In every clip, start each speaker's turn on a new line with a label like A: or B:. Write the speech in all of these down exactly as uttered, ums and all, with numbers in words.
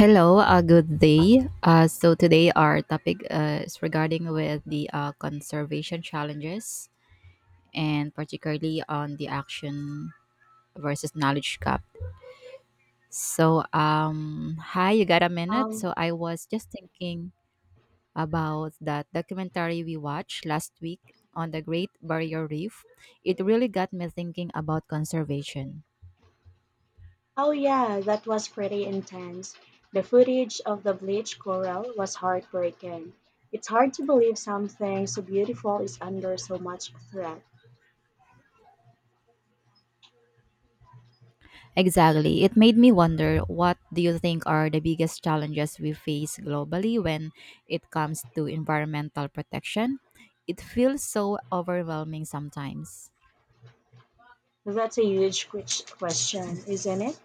A: Hello, uh, good day. Uh, so today our topic uh, is regarding with the uh, conservation challenges and particularly on the action versus knowledge gap. So um, hi, you got a minute?
B: Um,
A: So I was just thinking about that documentary we watched last week on the Great Barrier Reef. It really got me thinking about conservation.
B: oh yeah, that was pretty intense. The footage of the bleached coral was heartbreaking. It's hard to believe something so beautiful is under so much threat.
A: Exactly. It made me wonder, what do you think are the biggest challenges we face globally when it comes to environmental protection? It feels so overwhelming sometimes.
B: That's a huge ques- question, isn't it?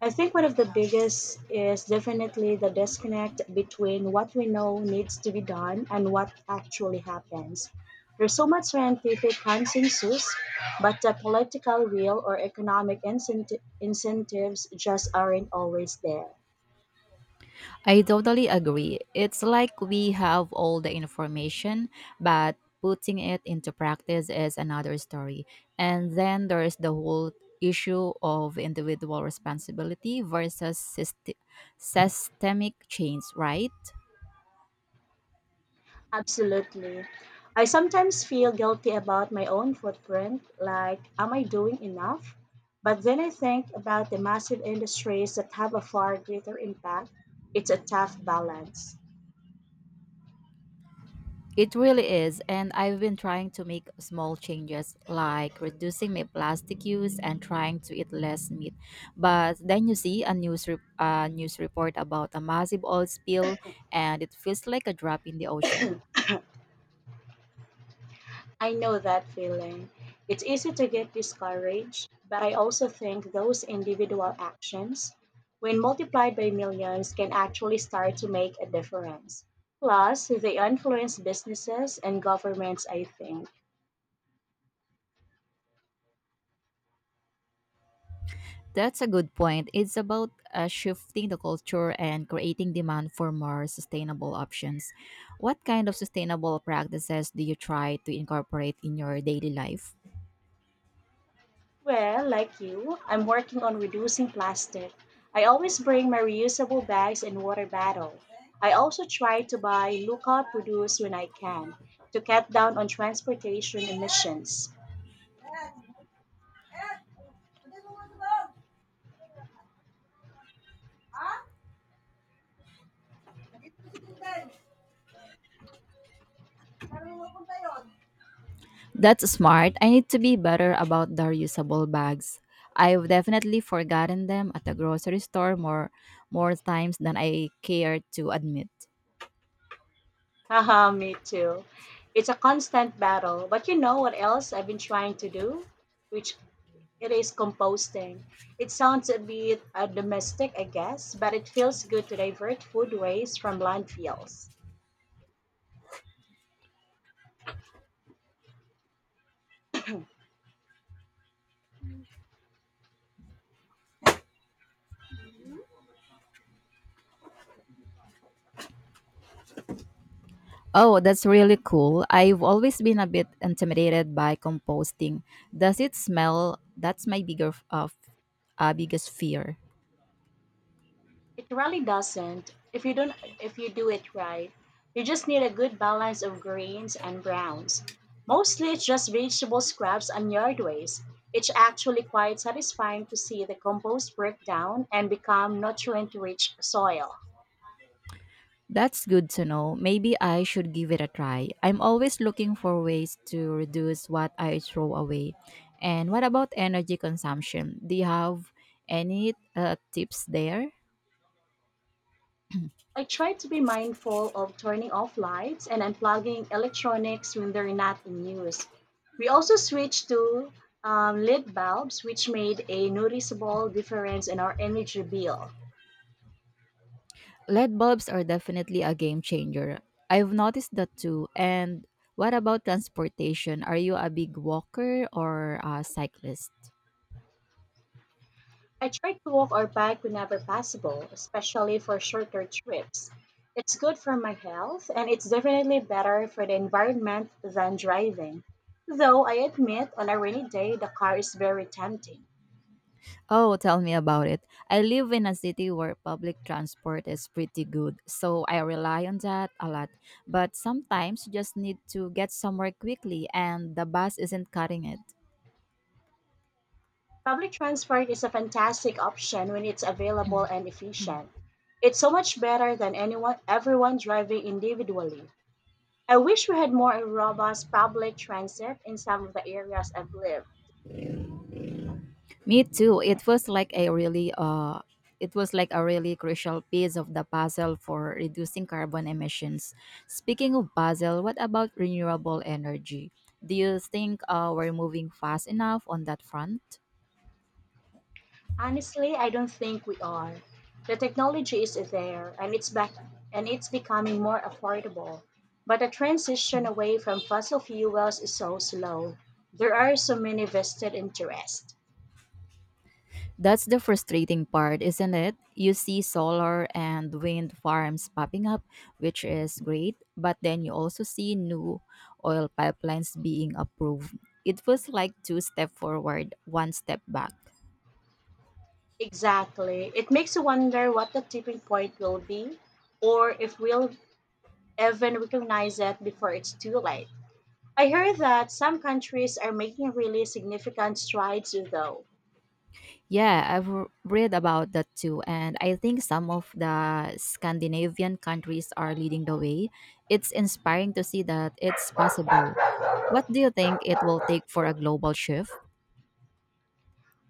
B: I think one of the biggest is definitely the disconnect between what we know needs to be done and what actually happens. There's so much scientific consensus, but the political will or economic incenti- incentives just aren't always there.
A: I totally agree. It's like we have all the information, but putting it into practice is another story. And then there's the whole issue of individual responsibility versus syst- systemic change, right?
B: Absolutely. I sometimes feel guilty about my own footprint, like, am I doing enough? But then I think about the massive industries that have a far greater impact. It's a tough balance.
A: It really is, and I've been trying to make small changes like reducing my plastic use and trying to eat less meat. But then you see a news re- a news report about a massive oil spill and it feels like a drop in the ocean.
B: I know that feeling. It's easy to get discouraged, but I also think those individual actions, when multiplied by millions, can actually start to make a difference. Plus, they influence businesses and governments, I think.
A: That's a good point. It's about uh, shifting the culture and creating demand for more sustainable options. What kind of sustainable practices do you try to incorporate in your daily life?
B: Well, like you, I'm working on reducing plastic. I always bring my reusable bags and water bottle. I also try to buy local produce when I can to cut down on transportation emissions.
A: That's smart. I need to be better about the reusable bags. I've definitely forgotten them at the grocery store more more times than I care to admit.
B: Haha, me too. It's a constant battle, but you know what else I've been trying to do? Which it is composting. It sounds a bit uh, domestic, I guess, but it feels good to divert food waste from landfills.
A: Oh, that's really cool. I've always been a bit intimidated by composting. Does it smell? That's my bigger f- uh, f- uh, biggest fear.
B: It really doesn't. If you don't, if you do it right, you just need a good balance of greens and browns. Mostly it's just vegetable scraps and yard waste. It's actually quite satisfying to see the compost break down and become nutrient-rich soil.
A: That's good to know. Maybe I should give it a try. I'm always looking for ways to reduce what I throw away. And what about energy consumption? Do you have any uh, tips there?
B: I try to be mindful of turning off lights and unplugging electronics when they're not in use. We also switched to um, L E D bulbs, which made a noticeable difference in our energy bill.
A: L E D bulbs are definitely a game changer. I've noticed that too. And what about transportation? Are you a big walker or a cyclist?
B: I try to walk or bike whenever possible, especially for shorter trips. It's good for my health and it's definitely better for the environment than driving. Though I admit, on a rainy day, the car is very tempting.
A: Oh, tell me about it. I live in a city where public transport is pretty good, so I rely on that a lot. But sometimes you just need to get somewhere quickly and the bus isn't cutting it.
B: Public transport is a fantastic option when it's available and efficient. It's so much better than anyone everyone driving individually. I wish we had more robust public transit in some of the areas I've lived.
A: Me too. It was like a really uh it was like a really crucial piece of the puzzle for reducing carbon emissions. Speaking of puzzle, what about renewable energy? Do you think uh, we're moving fast enough on that front?
B: Honestly, I don't think we are. The technology is there and it's back and it's becoming more affordable. But the transition away from fossil fuels is so slow. There are so many vested interests.
A: That's the frustrating part, isn't it? You see solar and wind farms popping up, which is great, but then you also see new oil pipelines being approved. It feels like two step forward, one step back.
B: Exactly. It makes you wonder what the tipping point will be or if we'll even recognize it before it's too late. I heard that some countries are making really significant strides though.
A: Yeah, I've r- read about that too, and I think some of the Scandinavian countries are leading the way. It's inspiring to see that it's possible. What do you think it will take for a global shift?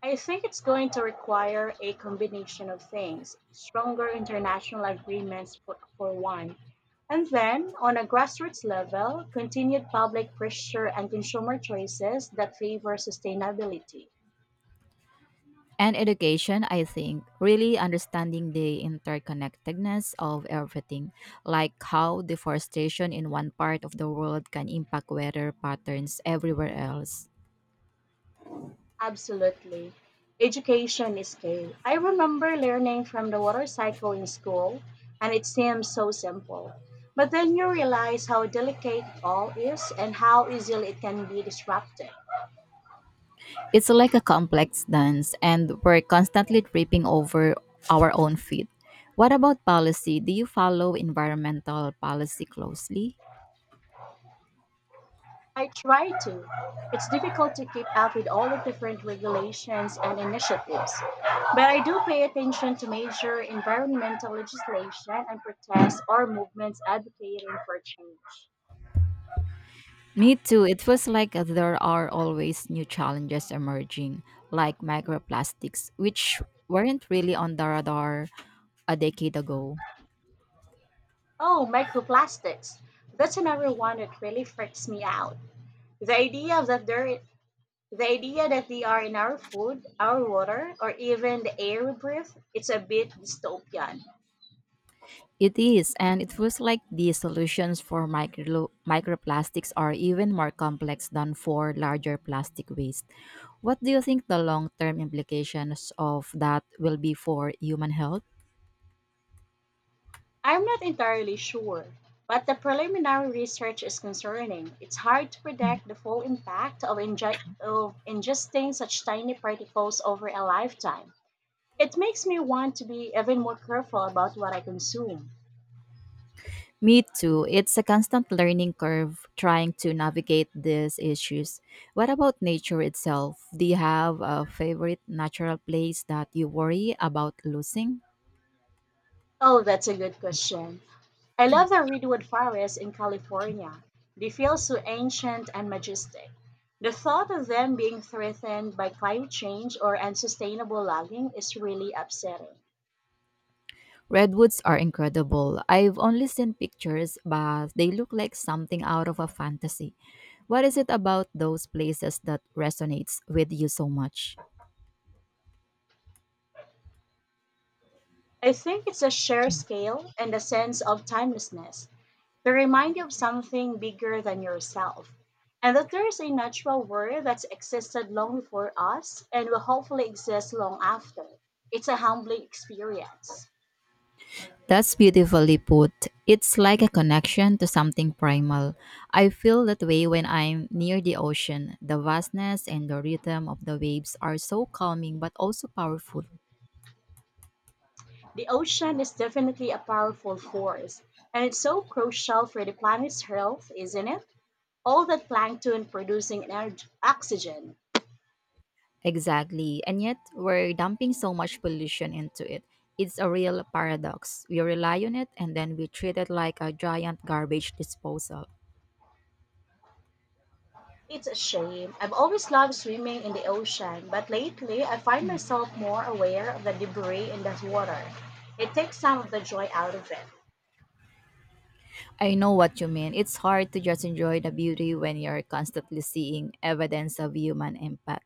B: I think it's going to require a combination of things stronger international agreements, for, for one, and then, on a grassroots level, continued public pressure and consumer choices that favor sustainability.
A: And education, I think, really understanding the interconnectedness of everything, like how deforestation in one part of the world can impact weather patterns everywhere else.
B: Absolutely. Education is key. I remember learning from the water cycle in school, and it seems so simple. But then you realize how delicate it all is and how easily it can be disrupted.
A: It's like a complex dance, and we're constantly tripping over our own feet. What about policy? Do you follow environmental policy closely?
B: I try to. It's difficult to keep up with all the different regulations and initiatives, but I do pay attention to major environmental legislation and protests or movements advocating for change.
A: Me too. It feels like uh, there are always new challenges emerging, like microplastics, which weren't really on the radar a decade ago.
B: Oh, microplastics. That's another one that really freaks me out. The idea that they're the idea that they are in our food, our water, or even the air we breathe, it's a bit dystopian.
A: It is, and it feels like the solutions for micro- microplastics are even more complex than for larger plastic waste. What do you think the long term implications of that will be for human health?
B: I'm not entirely sure, but the preliminary research is concerning. It's hard to predict the full impact of, inge- of ingesting such tiny particles over a lifetime. It makes me want to be even more careful about what I consume.
A: Me too. It's a constant learning curve trying to navigate these issues. What about nature itself? Do you have a favorite natural place that you worry about losing?
B: Oh, that's a good question. I love the redwood forest in California. They feel so ancient and majestic. The thought of them being threatened by climate change or unsustainable logging is really upsetting.
A: Redwoods are incredible. I've only seen pictures, but they look like something out of a fantasy. What is it about those places that resonates with you so much?
B: I think it's a shared scale and a sense of timelessness. They remind you of something bigger than yourself, and that there is a natural world that's existed long before us and will hopefully exist long after. It's a humbling experience.
A: That's beautifully put. It's like a connection to something primal. I feel that way when I'm near the ocean. The vastness and the rhythm of the waves are so calming but also powerful.
B: The ocean is definitely a powerful force, and it's so crucial for the planet's health, isn't it? All that plankton producing energy, oxygen.
A: Exactly. And yet, we're dumping so much pollution into it. It's a real paradox. We rely on it and then we treat it like a giant garbage disposal.
B: It's a shame. I've always loved swimming in the ocean, but lately I find myself more aware of the debris in the water. It takes some of the joy out of it.
A: I know what you mean. It's hard to just enjoy the beauty when you're constantly seeing evidence of human impact.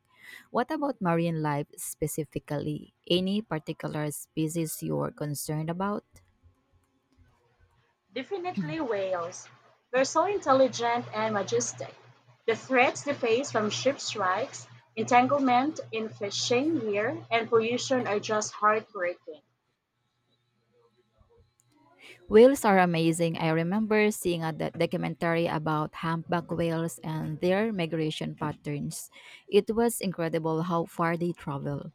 A: What about marine life specifically? Any particular species you're concerned about?
B: Definitely whales. They're so intelligent and majestic. The threats they face from ship strikes, entanglement in fishing gear, and pollution are just heartbreaking.
A: Whales are amazing. I remember seeing a doc- documentary about humpback whales and their migration patterns. It was incredible how far they travel.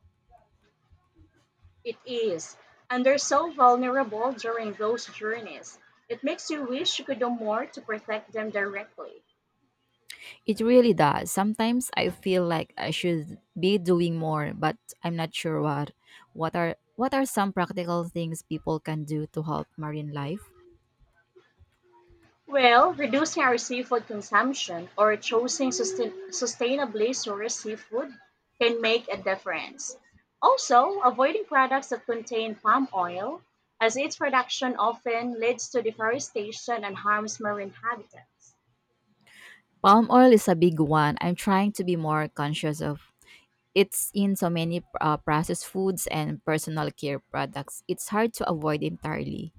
B: It is. And they're so vulnerable during those journeys. It makes you wish you could do more to protect them directly.
A: It really does. Sometimes I feel like I should be doing more, but I'm not sure what. What are what are some practical things people can do to help marine life?
B: Well, reducing our seafood consumption or choosing sustain- sustainably sourced seafood can make a difference. Also, avoiding products that contain palm oil, as its production often leads to deforestation and harms marine habitats.
A: Palm oil is a big one. I'm trying to be more conscious of. It's in so many uh, processed foods and personal care products. It's hard to avoid entirely.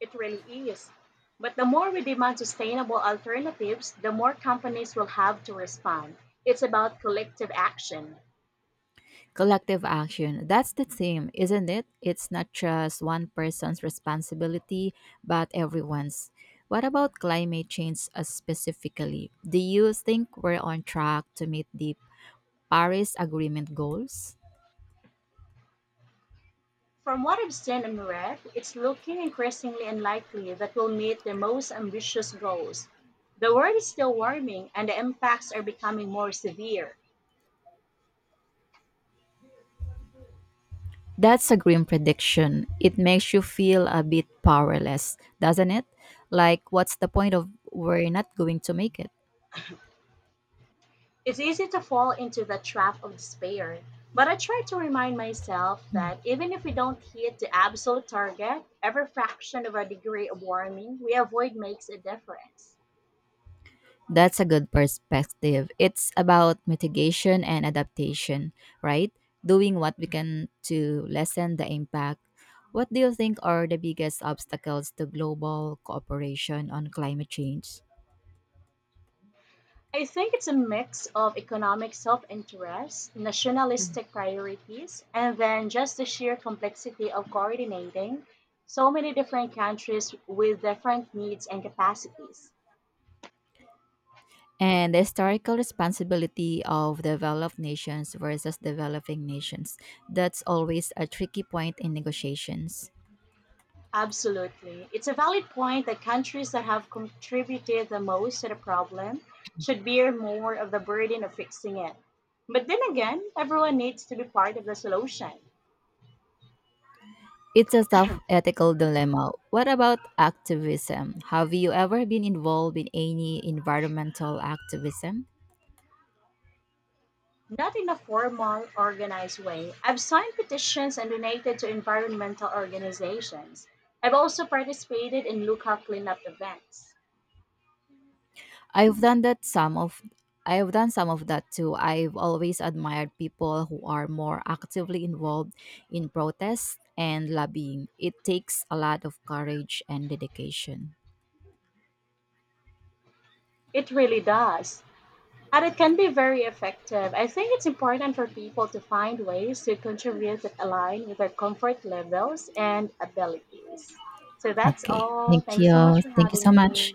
B: It really is. But the more we demand sustainable alternatives, the more companies will have to respond. It's about collective action.
A: Collective action. That's the theme, isn't it? It's not just one person's responsibility, but everyone's. What about climate change uh, specifically? Do you think we're on track to meet the Paris Agreement goals?
B: From what I've seen and read, it's looking increasingly unlikely that we'll meet their most ambitious goals. The world is still warming and the impacts are becoming more severe.
A: That's a grim prediction. It makes you feel a bit powerless, doesn't it? Like, what's the point of we're not going to make it?
B: It's easy to fall into the trap of despair, but I try to remind myself that even if we don't hit the absolute target, every fraction of a degree of warming we avoid makes a difference.
A: That's a good perspective. It's about mitigation and adaptation, right? Doing what we can to lessen the impact. What do you think are the biggest obstacles to global cooperation on climate change?
B: I think it's a mix of economic self interest, nationalistic priorities, and then just the sheer complexity of coordinating so many different countries with different needs and capacities.
A: And the historical responsibility of developed nations versus developing nations. That's always a tricky point in negotiations.
B: Absolutely. It's a valid point that countries that have contributed the most to the problem should bear more of the burden of fixing it. But then again, everyone needs to be part of the solution.
A: It's a tough ethical dilemma. What about activism? Have you ever been involved in any environmental activism?
B: Not in a formal, organized way. I've signed petitions and donated to environmental organizations. I've also participated in local cleanup events.
A: I've done that some of I've done some of that too. I've always admired people who are more actively involved in protests and lobbying. It takes a lot of courage and dedication.
B: It really does. And it can be very effective. I think it's important for people to find ways to contribute that align with their comfort levels and abilities. So that's
A: Okay.
B: all.
A: Thank
B: Thank you so
A: you.
B: much for
A: Thank you
B: having
A: so
B: me.
A: much.